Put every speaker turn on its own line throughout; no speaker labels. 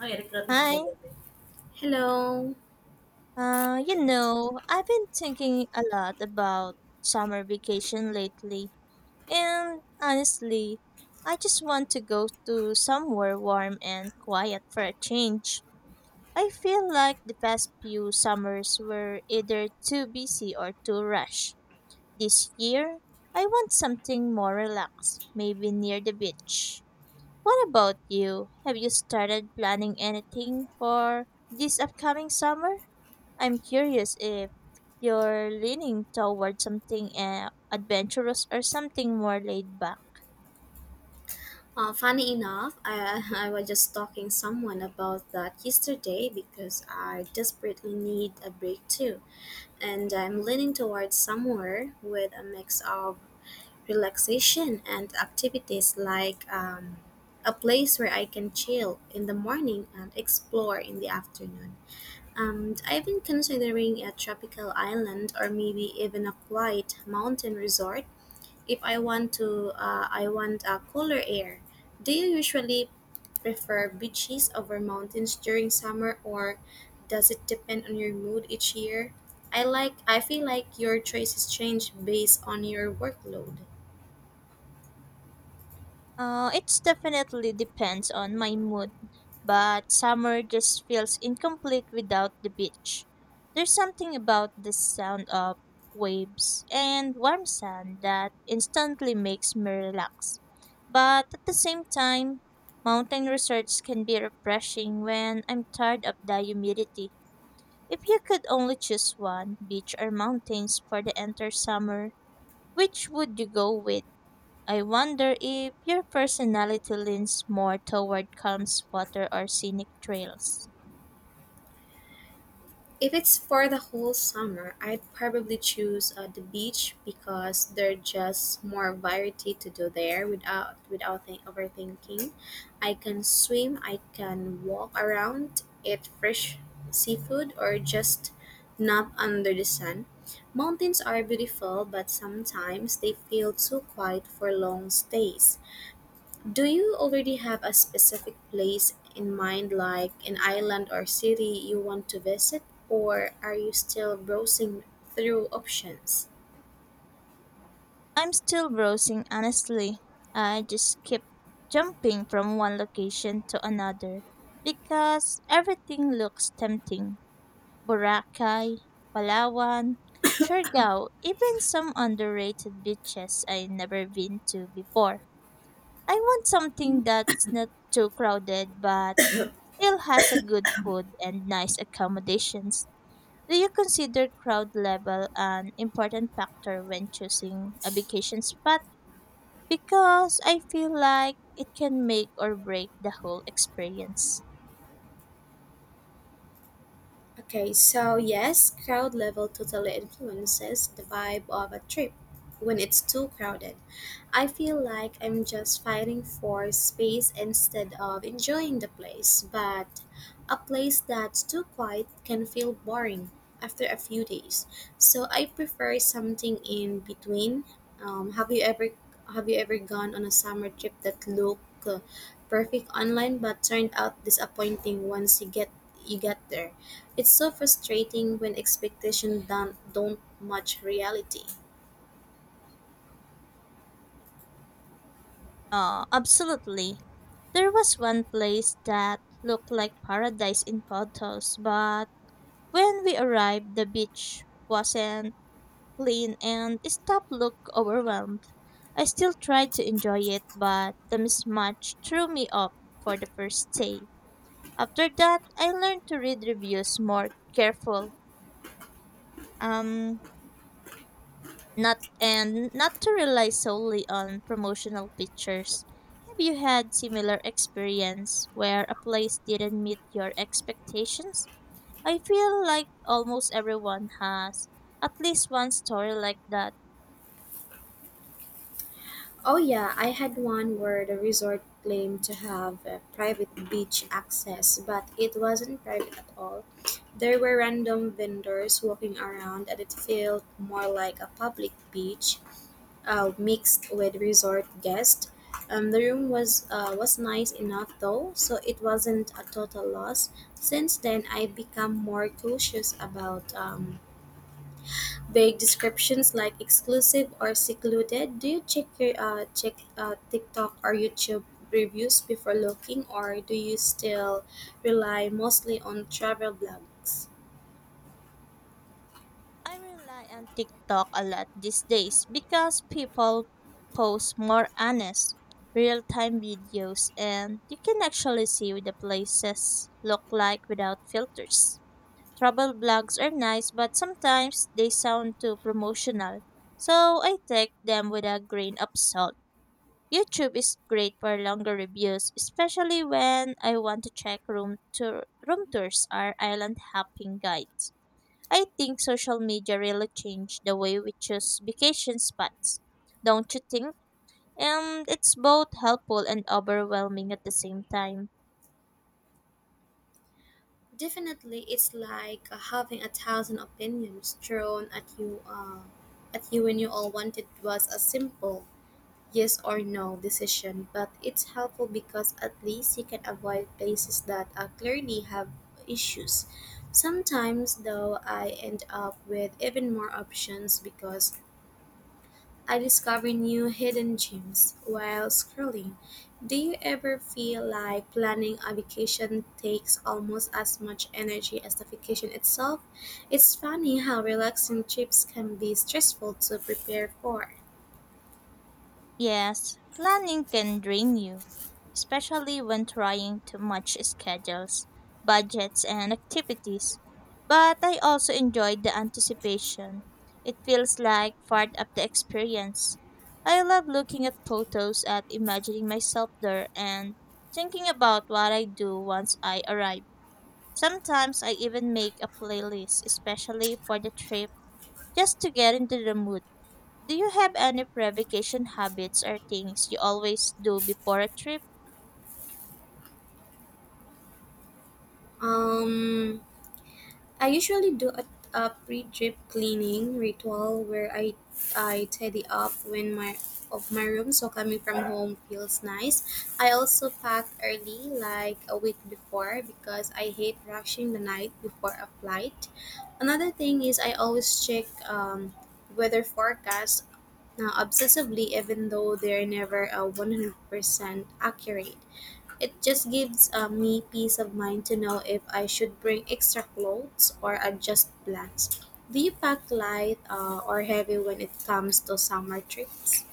Ah, எனக்கு
Hi.
சொல்லுங்க Hello.
I've been thinking a lot about summer vacation lately, and honestly, I just want to go to somewhere warm and quiet for a change. I feel like the past few summers were either too busy or too rushed. This year, I want something more relaxed, maybe near the beach. What about you? Have you started planning anything for this upcoming summer? I'm curious if you're leaning toward something adventurous or something more laid back.
Funny enough, I, I was just talking someone about that yesterday because I desperately need a break too, and I'm leaning towards somewhere with a mix of relaxation and activities like a place where I can chill in the morning and explore in the afternoon. Um, I've been considering a tropical island or maybe even a quiet mountain resort if I want to, I want a cooler air. Do you usually prefer beaches over mountains during summer, or does it depend on your mood each year? I like. I feel like your choices change based on your workload.
It's definitely depends on my mood, but summer just feels incomplete without the beach. There's something about the sound of waves and warm sand that instantly makes me relax. But at the same time, mountain resorts can be refreshing when I'm tired of the humidity. If you could only choose one, beach or mountains, for the entire summer, which would you go with? I wonder if your personality leans more toward calm water or scenic trails.
If it's for the whole summer, I'd probably choose the beach because there's just more variety to do there without overthinking. I can swim, I can walk around, eat fresh seafood, or just nap under the sun. Mountains are beautiful, but sometimes they feel too quiet for long stays. Do you already have a specific place in mind, like an island or city you want to visit, or are you still browsing through options?
I'm still browsing, honestly. I just keep jumping from one location to another because everything looks tempting. Boracay, Palawan, Siargao, even some underrated beaches I never been to before. I want something that's not too crowded but still has a good food and nice accommodations. Do you consider crowd level an important factor when choosing a vacation spot? Because I feel like it can make or break the whole experience.
Okay, so yes, crowd level totally influences the vibe of a trip when it's too crowded. I feel like I'm just fighting for space instead of enjoying the place, but a place that's too quiet can feel boring after a few days. So I prefer something in between. Have you ever have you ever gone on a summer trip that looked perfect online but turned out disappointing once you get there? It's so frustrating when expectations don't match reality.
Absolutely. There was one place that looked like paradise in photos, but when we arrived, the beach wasn't clean, and stop look overwhelmed. I still tried to enjoy it, but the mismatch threw me off for the first day. After that, I learned to read reviews more careful. Um, Not and not to rely solely on promotional pictures. Have you had similar experience where a place didn't meet your expectations? I feel like almost everyone has at least one story like that.
Oh, yeah, I had one where the resort claimed to have private beach access, but it wasn't private at all. There were random vendors walking around, and it felt more like a public beach mixed with resort guests. The room was nice enough though, so it wasn't a total loss. Since then, I've become more cautious about vague descriptions like exclusive or secluded. Do you check your check TikTok or YouTube reviews before looking, or do you still rely mostly on travel blogs?
I rely on TikTok a lot these days because people post more honest, real time videos and you can actually see what the places look like without filters. Travel blogs are nice, but sometimes they sound too promotional, so I take them with a grain of salt. YouTube is great for longer reviews, especially when I want to check room tours or island hopping guides. I think social media really changed the way we choose vacation spots, don't you think? And it's both helpful and overwhelming at the same time.
Definitely, it's like having a thousand opinions thrown at you when you all wanted was a simple yes or no decision, but it's helpful because at least you can avoid places that clearly have issues. Sometimes, though, I end up with even more options because I discover new hidden gems while scrolling. Do you ever feel like planning a vacation takes almost as much energy as the vacation itself? It's funny how relaxing trips can be stressful to prepare for.
Yes, planning can drain you, especially when trying to match schedules, budgets, and activities. But I also enjoyed the anticipation. It feels like part of the experience. I love looking at photos and imagining myself there and thinking about what I do once I arrive. Sometimes I even make a playlist, especially for the trip, just to get into the mood. Do you have any pre-vacation habits or things you always do before a trip?
Um, I usually do a pre-trip cleaning ritual where I tidy up when my of my room so coming from home feels nice. I also pack early like a week before because I hate rushing the night before a flight. Another thing is I always check weather forecast obsessively even though they're never 100% accurate. It just gives me peace of mind to know if I should bring extra clothes or adjust plans. Do you pack light or heavy when it comes to summer trips?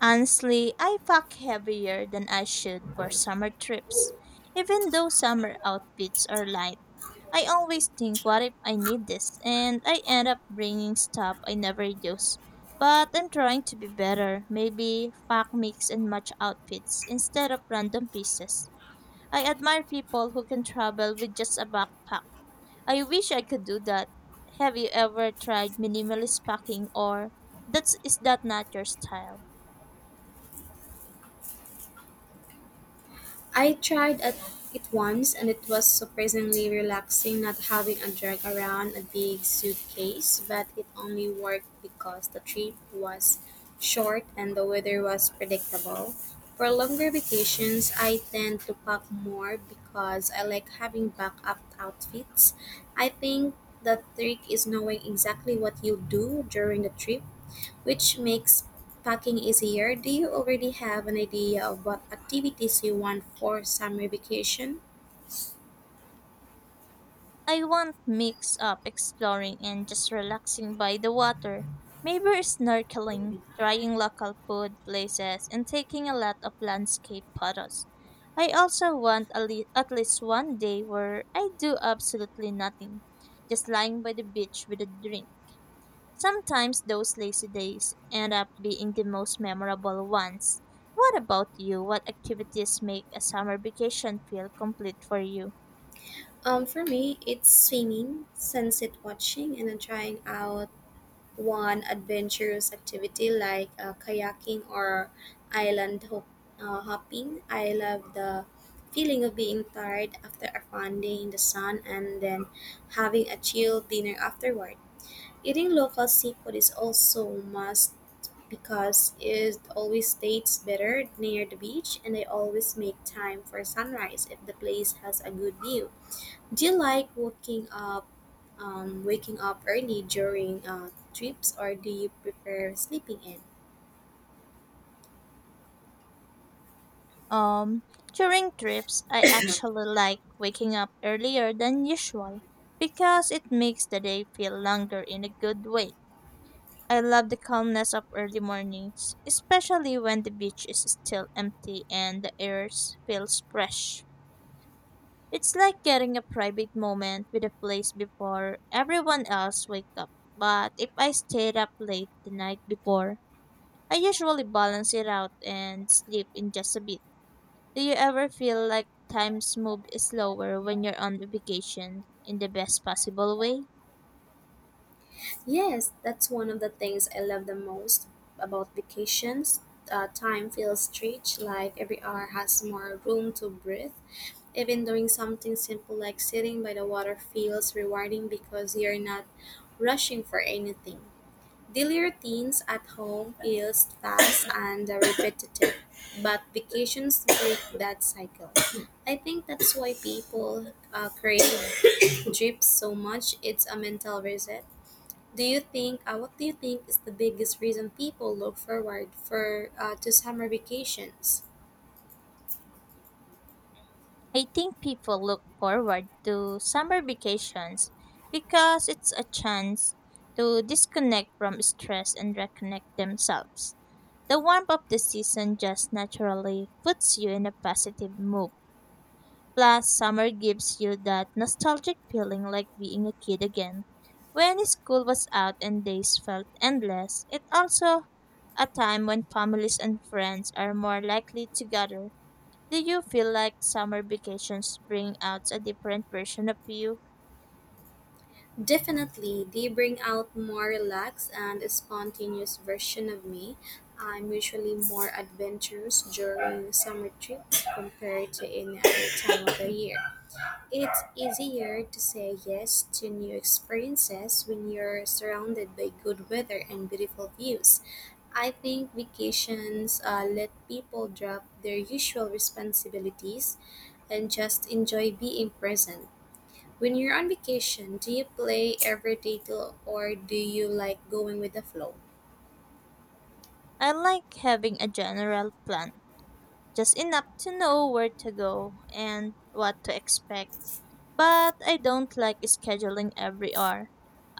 Honestly, I pack heavier than I should for summer trips. Even though summer outfits are light, I always think, what if I need this? And I end up bringing stuff I never use. But I'm trying to be better. Maybe pack mix and match outfits instead of random pieces. I admire people who can travel with just a backpack. I wish I could do that. Have you ever tried minimalist packing or that's is that not your style?
I tried at it once and it was surprisingly relaxing not having a drag around a big suitcase, but it only worked because the trip was short and the weather was predictable. For longer vacations, I tend to pack more because I like having backup outfits. I think the trick is knowing exactly what you'll do during the trip which makes packing easier. Do you already have an idea of what activities you want for summer vacation?
I want mix up exploring and just relaxing by the water. Maybe snorkeling, trying local food places and taking a lot of landscape photos. I also want a at least one day where I do absolutely nothing, just lying by the beach with a drink. Sometimes those lazy days end up being the most memorable ones. What about you? What activities make a summer vacation feel complete for you?
For me, it's swimming, sunset watching, and then trying out one adventurous activity like kayaking or island hopping. I love the feeling of being tired after a fun day in the sun and then having a chill dinner afterward. Eating local seafood is also a must because it always states better near the beach and I always make time for sunrise if the place has a good view. Do you like waking up early during trips or do you prefer sleeping in?
Um, During trips, I actually like waking up earlier than usual because it makes the day feel longer in a good way. I love the calmness of early mornings, especially when the beach is still empty and the air feels fresh. It's like getting a private moment with a place before everyone else wake up. But if I stayed up late the night before, I usually balance it out and sleep in just a bit. Do you ever feel like times move slower when you're on vacation in the best possible way?
Yes, that's one of the things I love the most about vacations. Time feels stretched, like every hour has more room to breathe. Even doing something simple like sitting by the water feels rewarding because you're not rushing for anything. The routines at home is fast and repetitive, but vacations break that cycle. I think that's why people crave trips so much. It's a mental reset. Do you think? What do you think is the biggest reason people look forward for to summer vacations?
I think people look forward to summer vacations because it's a chance to disconnect from stress and reconnect themselves. The warmth of the season just naturally puts you in a positive mood. Plus, summer gives you that nostalgic feeling like being a kid again. When school was out and days felt endless, it's also a time when families and friends are more likely to gather. Do you feel like summer vacations bring out a different version of you?
Definitely, they bring out more relaxed and spontaneous version of me. I'm usually more adventurous during summer trips compared to any other time of the year. It's easier to say yes to new experiences when you're surrounded by good weather and beautiful views. I think vacations let people drop their usual responsibilities and just enjoy being present. When you're on vacation, do you play every day till, or do you like going with the flow?
I like having a general plan, just enough to know where to go and what to expect. But I don't like scheduling every hour.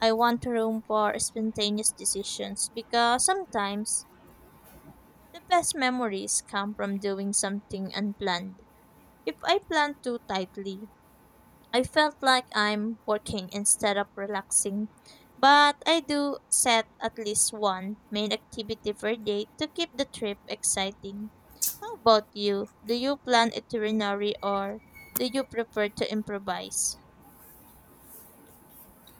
I want room for spontaneous decisions because sometimes the best memories come from doing something unplanned. If I plan too tightly, I felt like I'm working instead of relaxing. But I do set at least one main activity per day to keep the trip exciting. How about you? Do you plan itinerary or do you prefer to improvise?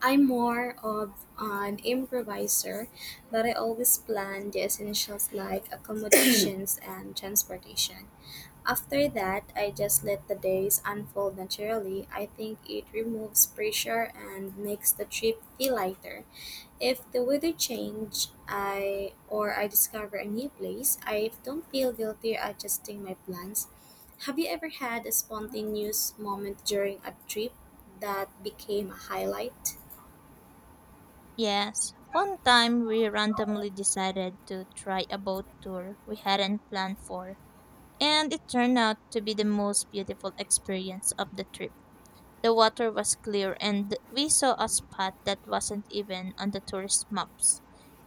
I'm more of an improviser, but I always plan the essentials like accommodations and transportation. After that, I just let the days unfold naturally. I think it removes pressure and makes the trip feel lighter. If the weather change I discover a new place, I don't feel guilty adjusting my plans. Have you ever had a spontaneous moment during a trip that became a highlight?
Yes, one time we randomly decided to try a boat tour we hadn't planned for, and it turned out to be the most beautiful experience of the trip. The water was clear, and we saw a spot that wasn't even on the tourist maps.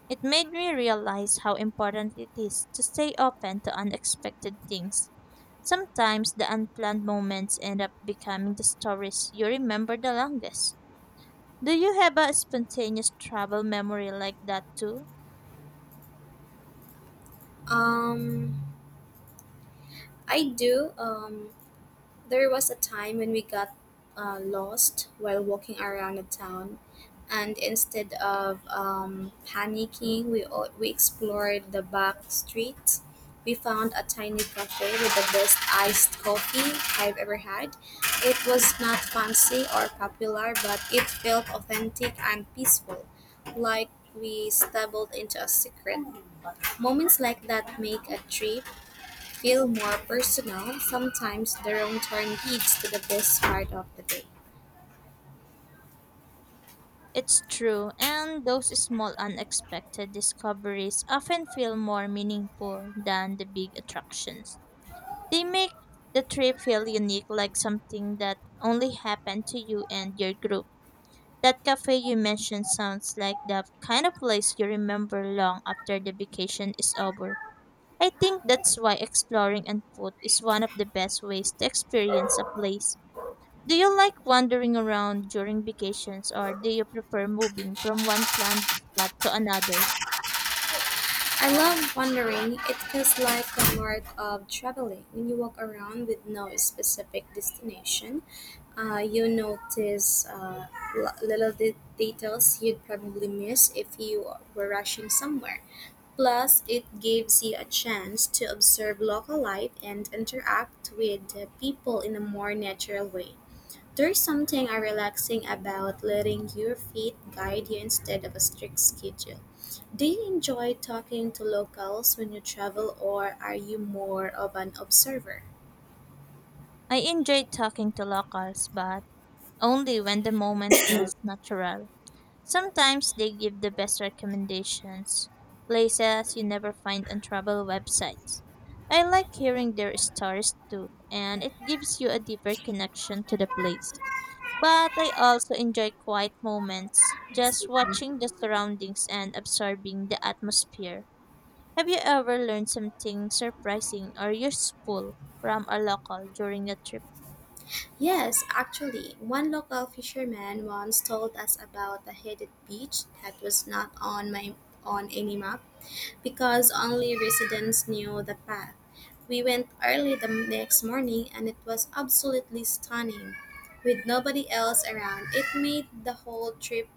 It made me realize how important it is to stay open to unexpected things. Sometimes the unplanned moments end up becoming the stories you remember the longest. Do you have a spontaneous travel memory like that too?
Um I do. There was a time when we got lost while walking around the town, and instead of panicking, we explored the back streets. We found a tiny cafe with the best iced coffee I've ever had. It was not fancy or popular, but it felt authentic and peaceful, like we stumbled into a secret. Moments like that make a trip feel more personal, sometimes the wrong turn leads to the best part of the day.
It's true, and those small unexpected discoveries often feel more meaningful than the big attractions. They make the trip feel unique, like something that only happened to you and your group. That cafe you mentioned sounds like the kind of place you remember long after the vacation is over. I think that's why exploring on foot is one of the best ways to experience a place. Do you like wandering around during vacations or do you prefer moving from one planned spot to another?
I love wandering. It feels like the art of traveling. When you walk around with no specific destination, you notice little details you'd probably miss if you were rushing somewhere. Plus, it gives you a chance to observe local life and interact with the people in a more natural way. There's something relaxing about letting your feet guide you instead of a strict schedule. Do you enjoy talking to locals when you travel, or are you more of an observer?
I enjoy talking to locals, but only when the moment feels natural. Sometimes they give the best recommendations, places you never find on travel websites. I like hearing their stories too, and it gives you a deeper connection to the place. But I also enjoy quiet moments, just watching the surroundings and absorbing the atmosphere. Have you ever learned something surprising or useful from a local during a trip?
Yes, actually, one local fisherman once told us about a hidden beach that was not on any map. Because only residents knew the path. We went early the next morning and it was absolutely stunning. With nobody else around, it made the whole trip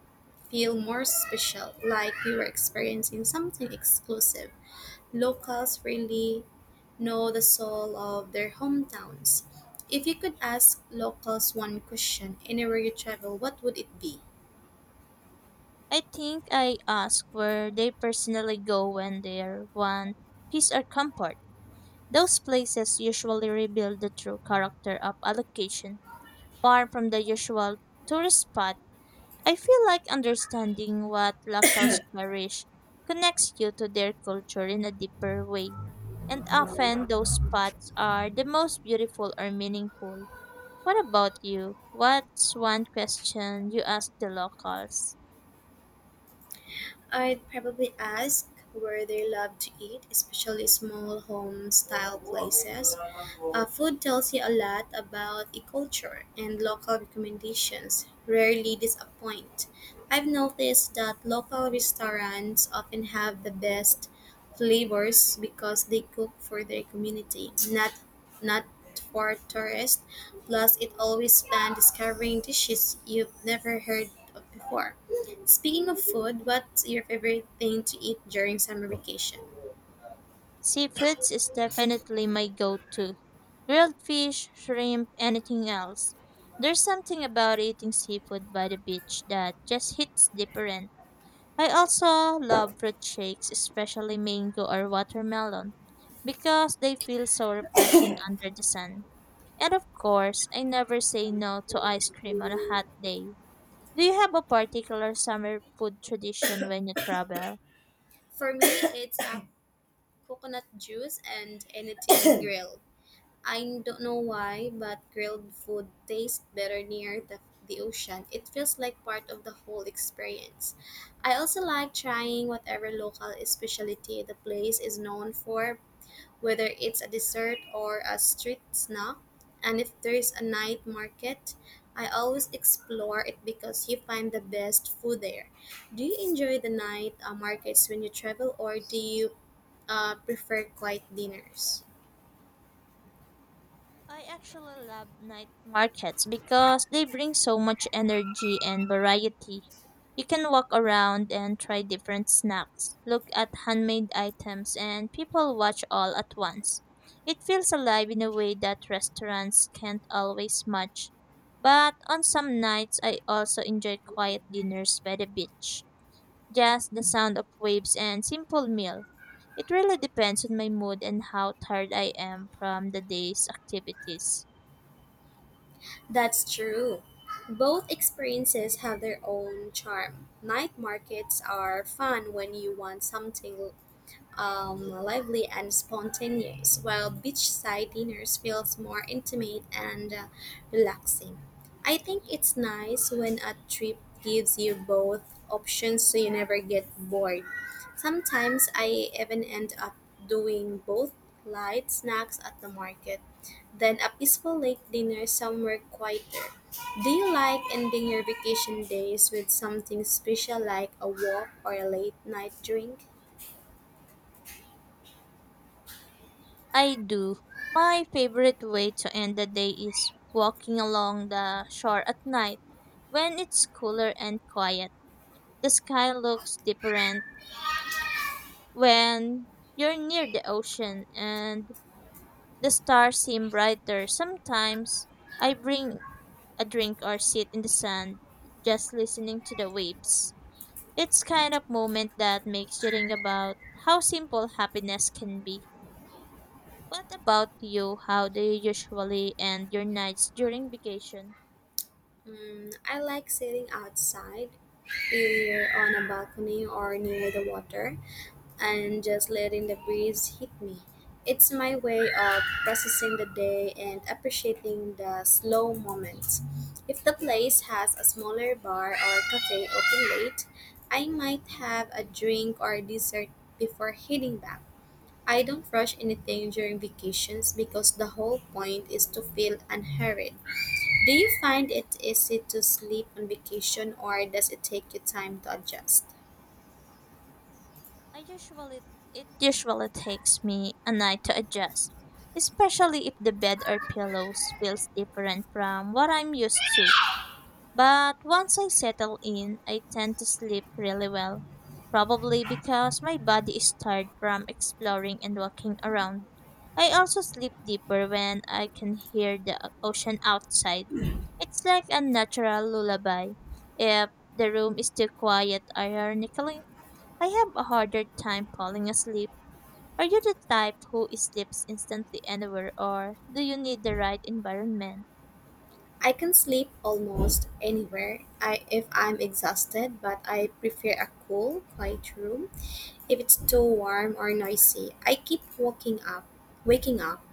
feel more special, like we were experiencing something exclusive. Locals really know the soul of their hometowns. If you could ask locals one question anywhere you travel, what would it be?
I think I ask where they personally go when they want peace or comfort. Those places usually reveal the true character of a location, far from the usual tourist spot. I feel like understanding what locals cherish connects you to their culture in a deeper way. And often those spots are the most beautiful or meaningful. What about you? What's one question you ask the locals?
I'd probably ask where they love to eat, especially small home style places. Food tells you a lot about a culture, and local recommendations rarely disappoint. I've noticed that local restaurants often have the best flavors because they cook for their community, not for tourists. Plus, it always fun discovering dishes you've never heard of before. Speaking of food, what's your favorite thing to eat during summer vacation?
Seafoods is definitely my go to. Grilled fish, shrimp, anything else. There's something about eating seafood by the beach that just hits different. I also love fruit shakes, especially mango or watermelon, because they feel so refreshing under the sun. And of course, I never say no to ice cream on a hot day. Do you have a particular summer food tradition when you travel?
For me, it's coconut juice and anything grilled. I don't know why, but grilled food tastes better near the ocean. It feels like part of the whole experience. I also like trying whatever local specialty the place is known for, whether it's a dessert or a street snack. And if there is a night market, I always explore it because you find the best food there. Do you enjoy the night markets when you travel, or do you prefer quiet dinners.
I actually love night markets because they bring so much energy and variety. You can walk around and try different snacks, look at handmade items, and people watch all at once. It feels alive in a way that restaurants can't always match. But on some nights, I also enjoy quiet dinners by the beach, just the sound of waves and simple meal. It really depends on my mood and how tired I am from the day's activities.
That's true. Both experiences have their own charm. Night markets are fun when you want something lively and spontaneous, while beachside dinners feels more intimate and relaxing. I think it's nice when a trip gives you both options so you never get bored. Sometimes I even end up doing both light snacks at the market, then a peaceful late dinner somewhere quieter. Do you like ending your vacation days with something special like a walk or a late night drink?
I do. My favorite way to end the day is walking along the shore at night when it's cooler and quiet. The sky looks different when you're near the ocean and the stars seem brighter. Sometimes I bring a drink or sit in the sand, just listening to the waves. It's kind of moment that makes you think about how simple happiness can be. What about you? How do you usually end your nights during vacation?
Mm, I like sitting outside, either on a balcony or near the water, and just letting the breeze hit me. It's my way of processing the day and appreciating the slow moments. If the place has a smaller bar or cafe open late, I might have a drink or dessert before heading back. I don't rush anything during vacations because the whole point is to feel unhurried. Do you find it easy to sleep on vacation, or does it take you time to adjust?
I usually It usually takes me a night to adjust, especially if the bed or pillows feels different from what I'm used to. But once I settle in, I tend to sleep really well, probably because my body is tired from exploring and walking around. I also sleep deeper when I can hear the ocean outside. It's like a natural lullaby. If the room is too quiet, ironically, I have a harder time falling asleep. Are you the type who sleeps instantly anywhere, or do you need the right environment?
I can sleep almost anywhere if I'm exhausted, but I prefer a cool, quiet room. If it's too warm or noisy, I keep waking up.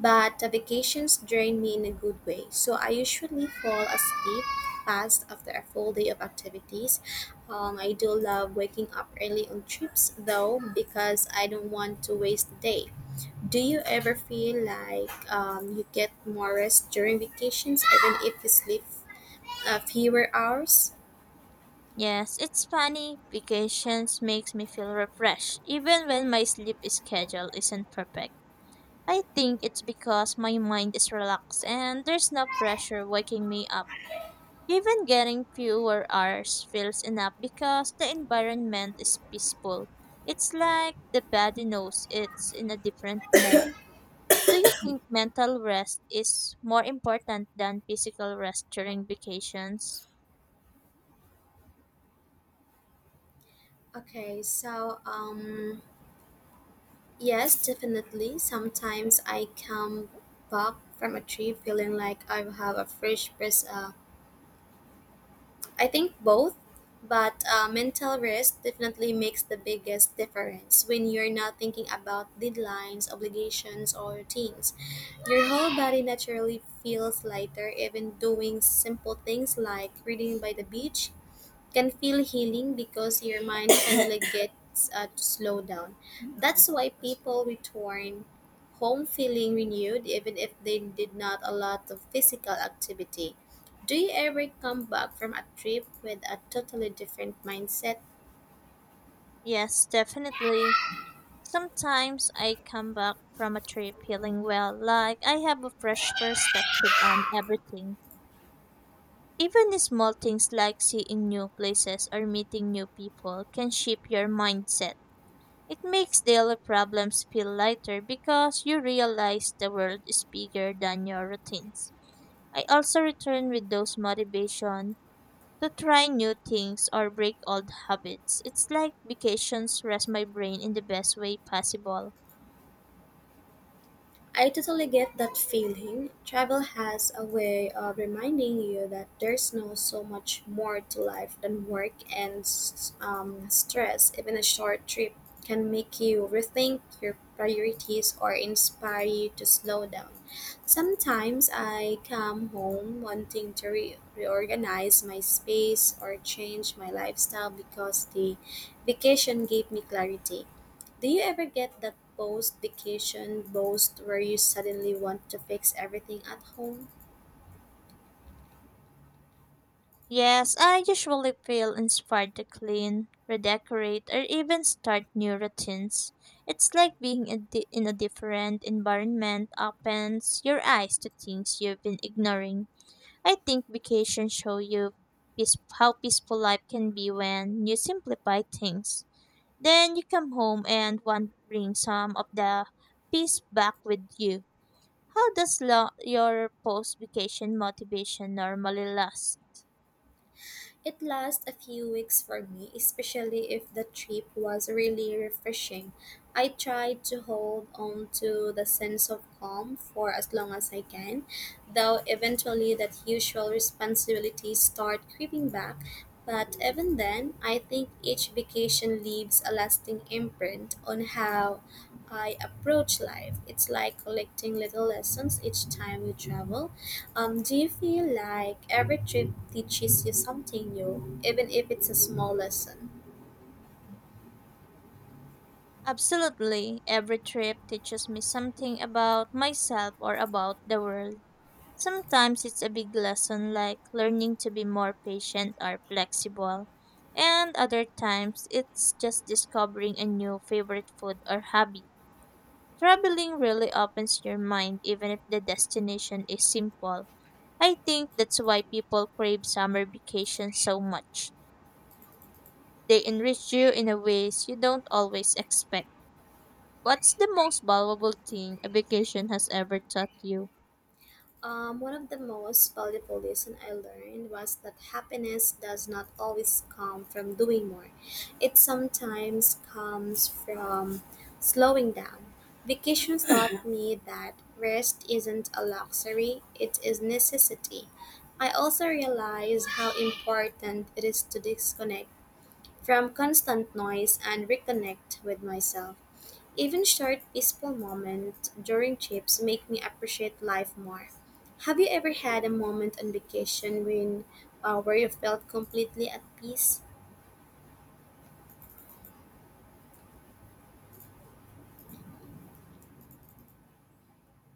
But the vacations drain me in a good way, so I usually fall asleep fast after a full day of activities. I do love waking up early on trips though because I don't want to waste the day. Do you ever feel like you get more rest during vacations, even if you sleep fewer hours?
Yes, it's funny. Vacations makes me feel refreshed, even when my sleep schedule isn't perfect. I think it's because my mind is relaxed and there's no pressure waking me up. Even getting fewer hours feels enough because the environment is peaceful. It's like the body knows it's in a different mode. Do you think mental rest is more important than physical rest during vacations?
Okay, so yes, definitely. Sometimes I come back from a trip feeling like I have a fresh press. I think both, but mental rest definitely makes the biggest difference when you're not thinking about deadlines, obligations, or routines. Your whole body naturally feels lighter, even doing simple things like reading by the beach can feel healing because your mind finally gets to slow down. That's why people return home feeling renewed, even if they did not a lot of physical activity. Do you ever come back from a trip with a totally different mindset?
Yes, definitely. Sometimes I come back from a trip feeling well, like I have a fresh perspective on everything. Even the small things like seeing new places or meeting new people can shape your mindset. It makes daily problems feel lighter because you realize the world is bigger than your routines. I also return with those motivation to try new things or break old habits. It's like vacations rest my brain in the best way possible.
I totally get that feeling. Travel has a way of reminding you that there's no so much more to life than work and stress. Even a short trip can make you rethink your priorities or inspire you to slow down. Sometimes I come home wanting to reorganize my space or change my lifestyle because the vacation gave me clarity. Do you ever get that post vacation boast where you suddenly want to fix everything at home?
Yes, I usually feel inspired to clean, redecorate, or even start new routines. It's like being in a different environment opens your eyes to things you've been ignoring. I think vacations show you how peaceful life can be when you simplify things. Then you come home and want to bring some of the peace back with you. How does your post-vacation motivation normally last?
It lasts a few weeks for me, especially if the trip was really refreshing. I try to hold on to the sense of calm for as long as I can, though eventually that usual responsibilities start creeping back. But even then, I think each vacation leaves a lasting imprint on how I approach life. It's like collecting little lessons each time we travel. Do you feel like every trip teaches you something new, even if it's a small lesson?
Absolutely. Every trip teaches me something about myself or about the world. Sometimes it's a big lesson like learning to be more patient or flexible. And other times it's just discovering a new favorite food or hobby. Traveling really opens your mind even if the destination is simple. I think that's why people crave summer vacations so much. They enrich you in a ways you don't always expect. What's the most valuable thing a vacation has ever taught you?
One of the most valuable lesson I learned was that happiness does not always come from doing more. It sometimes comes from slowing down. Vacations taught me that rest isn't a luxury, it is necessity. I also realized how important it is to disconnect from constant noise and reconnect with myself. Even short peaceful moments during trips make me appreciate life more. Have you ever had a moment on vacation when where you felt completely at peace?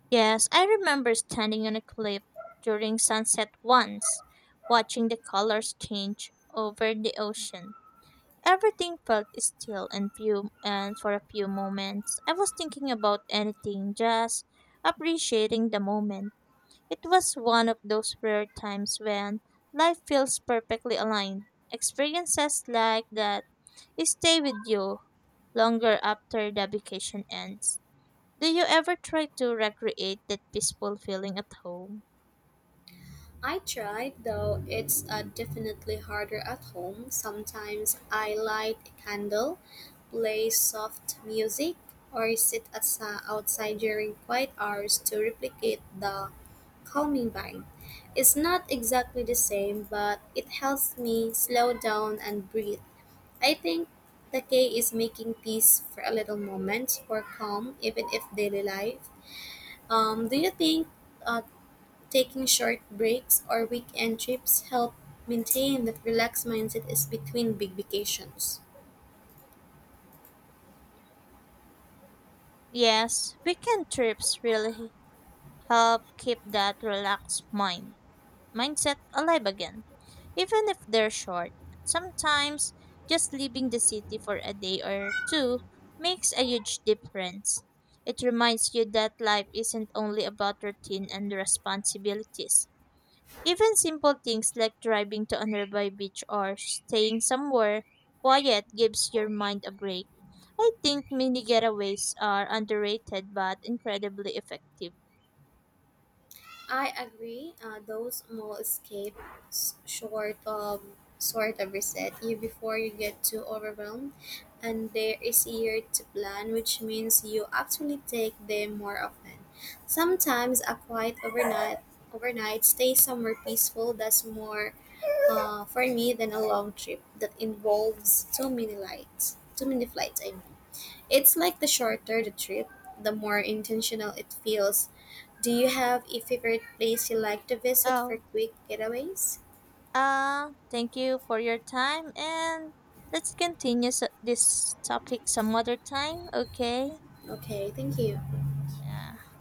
Yes, I remember standing on a cliff during sunset once, watching the colors change over the ocean. Everything felt still and few and for a few moments I was thinking about anything, just appreciating the moment. It was one of those rare times when life feels perfectly aligned. Experiences like that stay with you longer after the vacation ends. Do you ever try to recreate that peaceful feeling at home?
I tried, though it's definitely harder at home. Sometimes I light a candle, play soft music, or sit outside during quiet hours to replicate the calming vibe. It's not exactly the same, but it helps me slow down and breathe. I think the key is making peace for a little moment for calm, even if daily life. Do you think uh, taking short breaks or weekend trips help maintain that relaxed mindset is between big vacations.
Yes, weekend trips really help keep that relaxed mind mindset alive again. Even if they're short, sometimes just leaving the city for a day or two makes a huge difference. It reminds you that life isn't only about routine and responsibilities. Even simple things like driving to a nearby beach or staying somewhere quiet gives your mind a break. I think mini getaways are underrated but incredibly effective.
I agree. Those small escapes short of sort of reset you before you get too overwhelmed, and they're easier to plan, which means you actually take them more often. Sometimes a quiet overnight stay somewhere peaceful does more for me, then a long trip that involves too many lights, too many flights. I mean, it's like the shorter the trip, the more intentional it feels. Do you have a favorite place you like to visit for
Oh,
quick getaways?
thank you for your time and let's continue this topic some other time, okay?
Okay, thank you.
Yeah.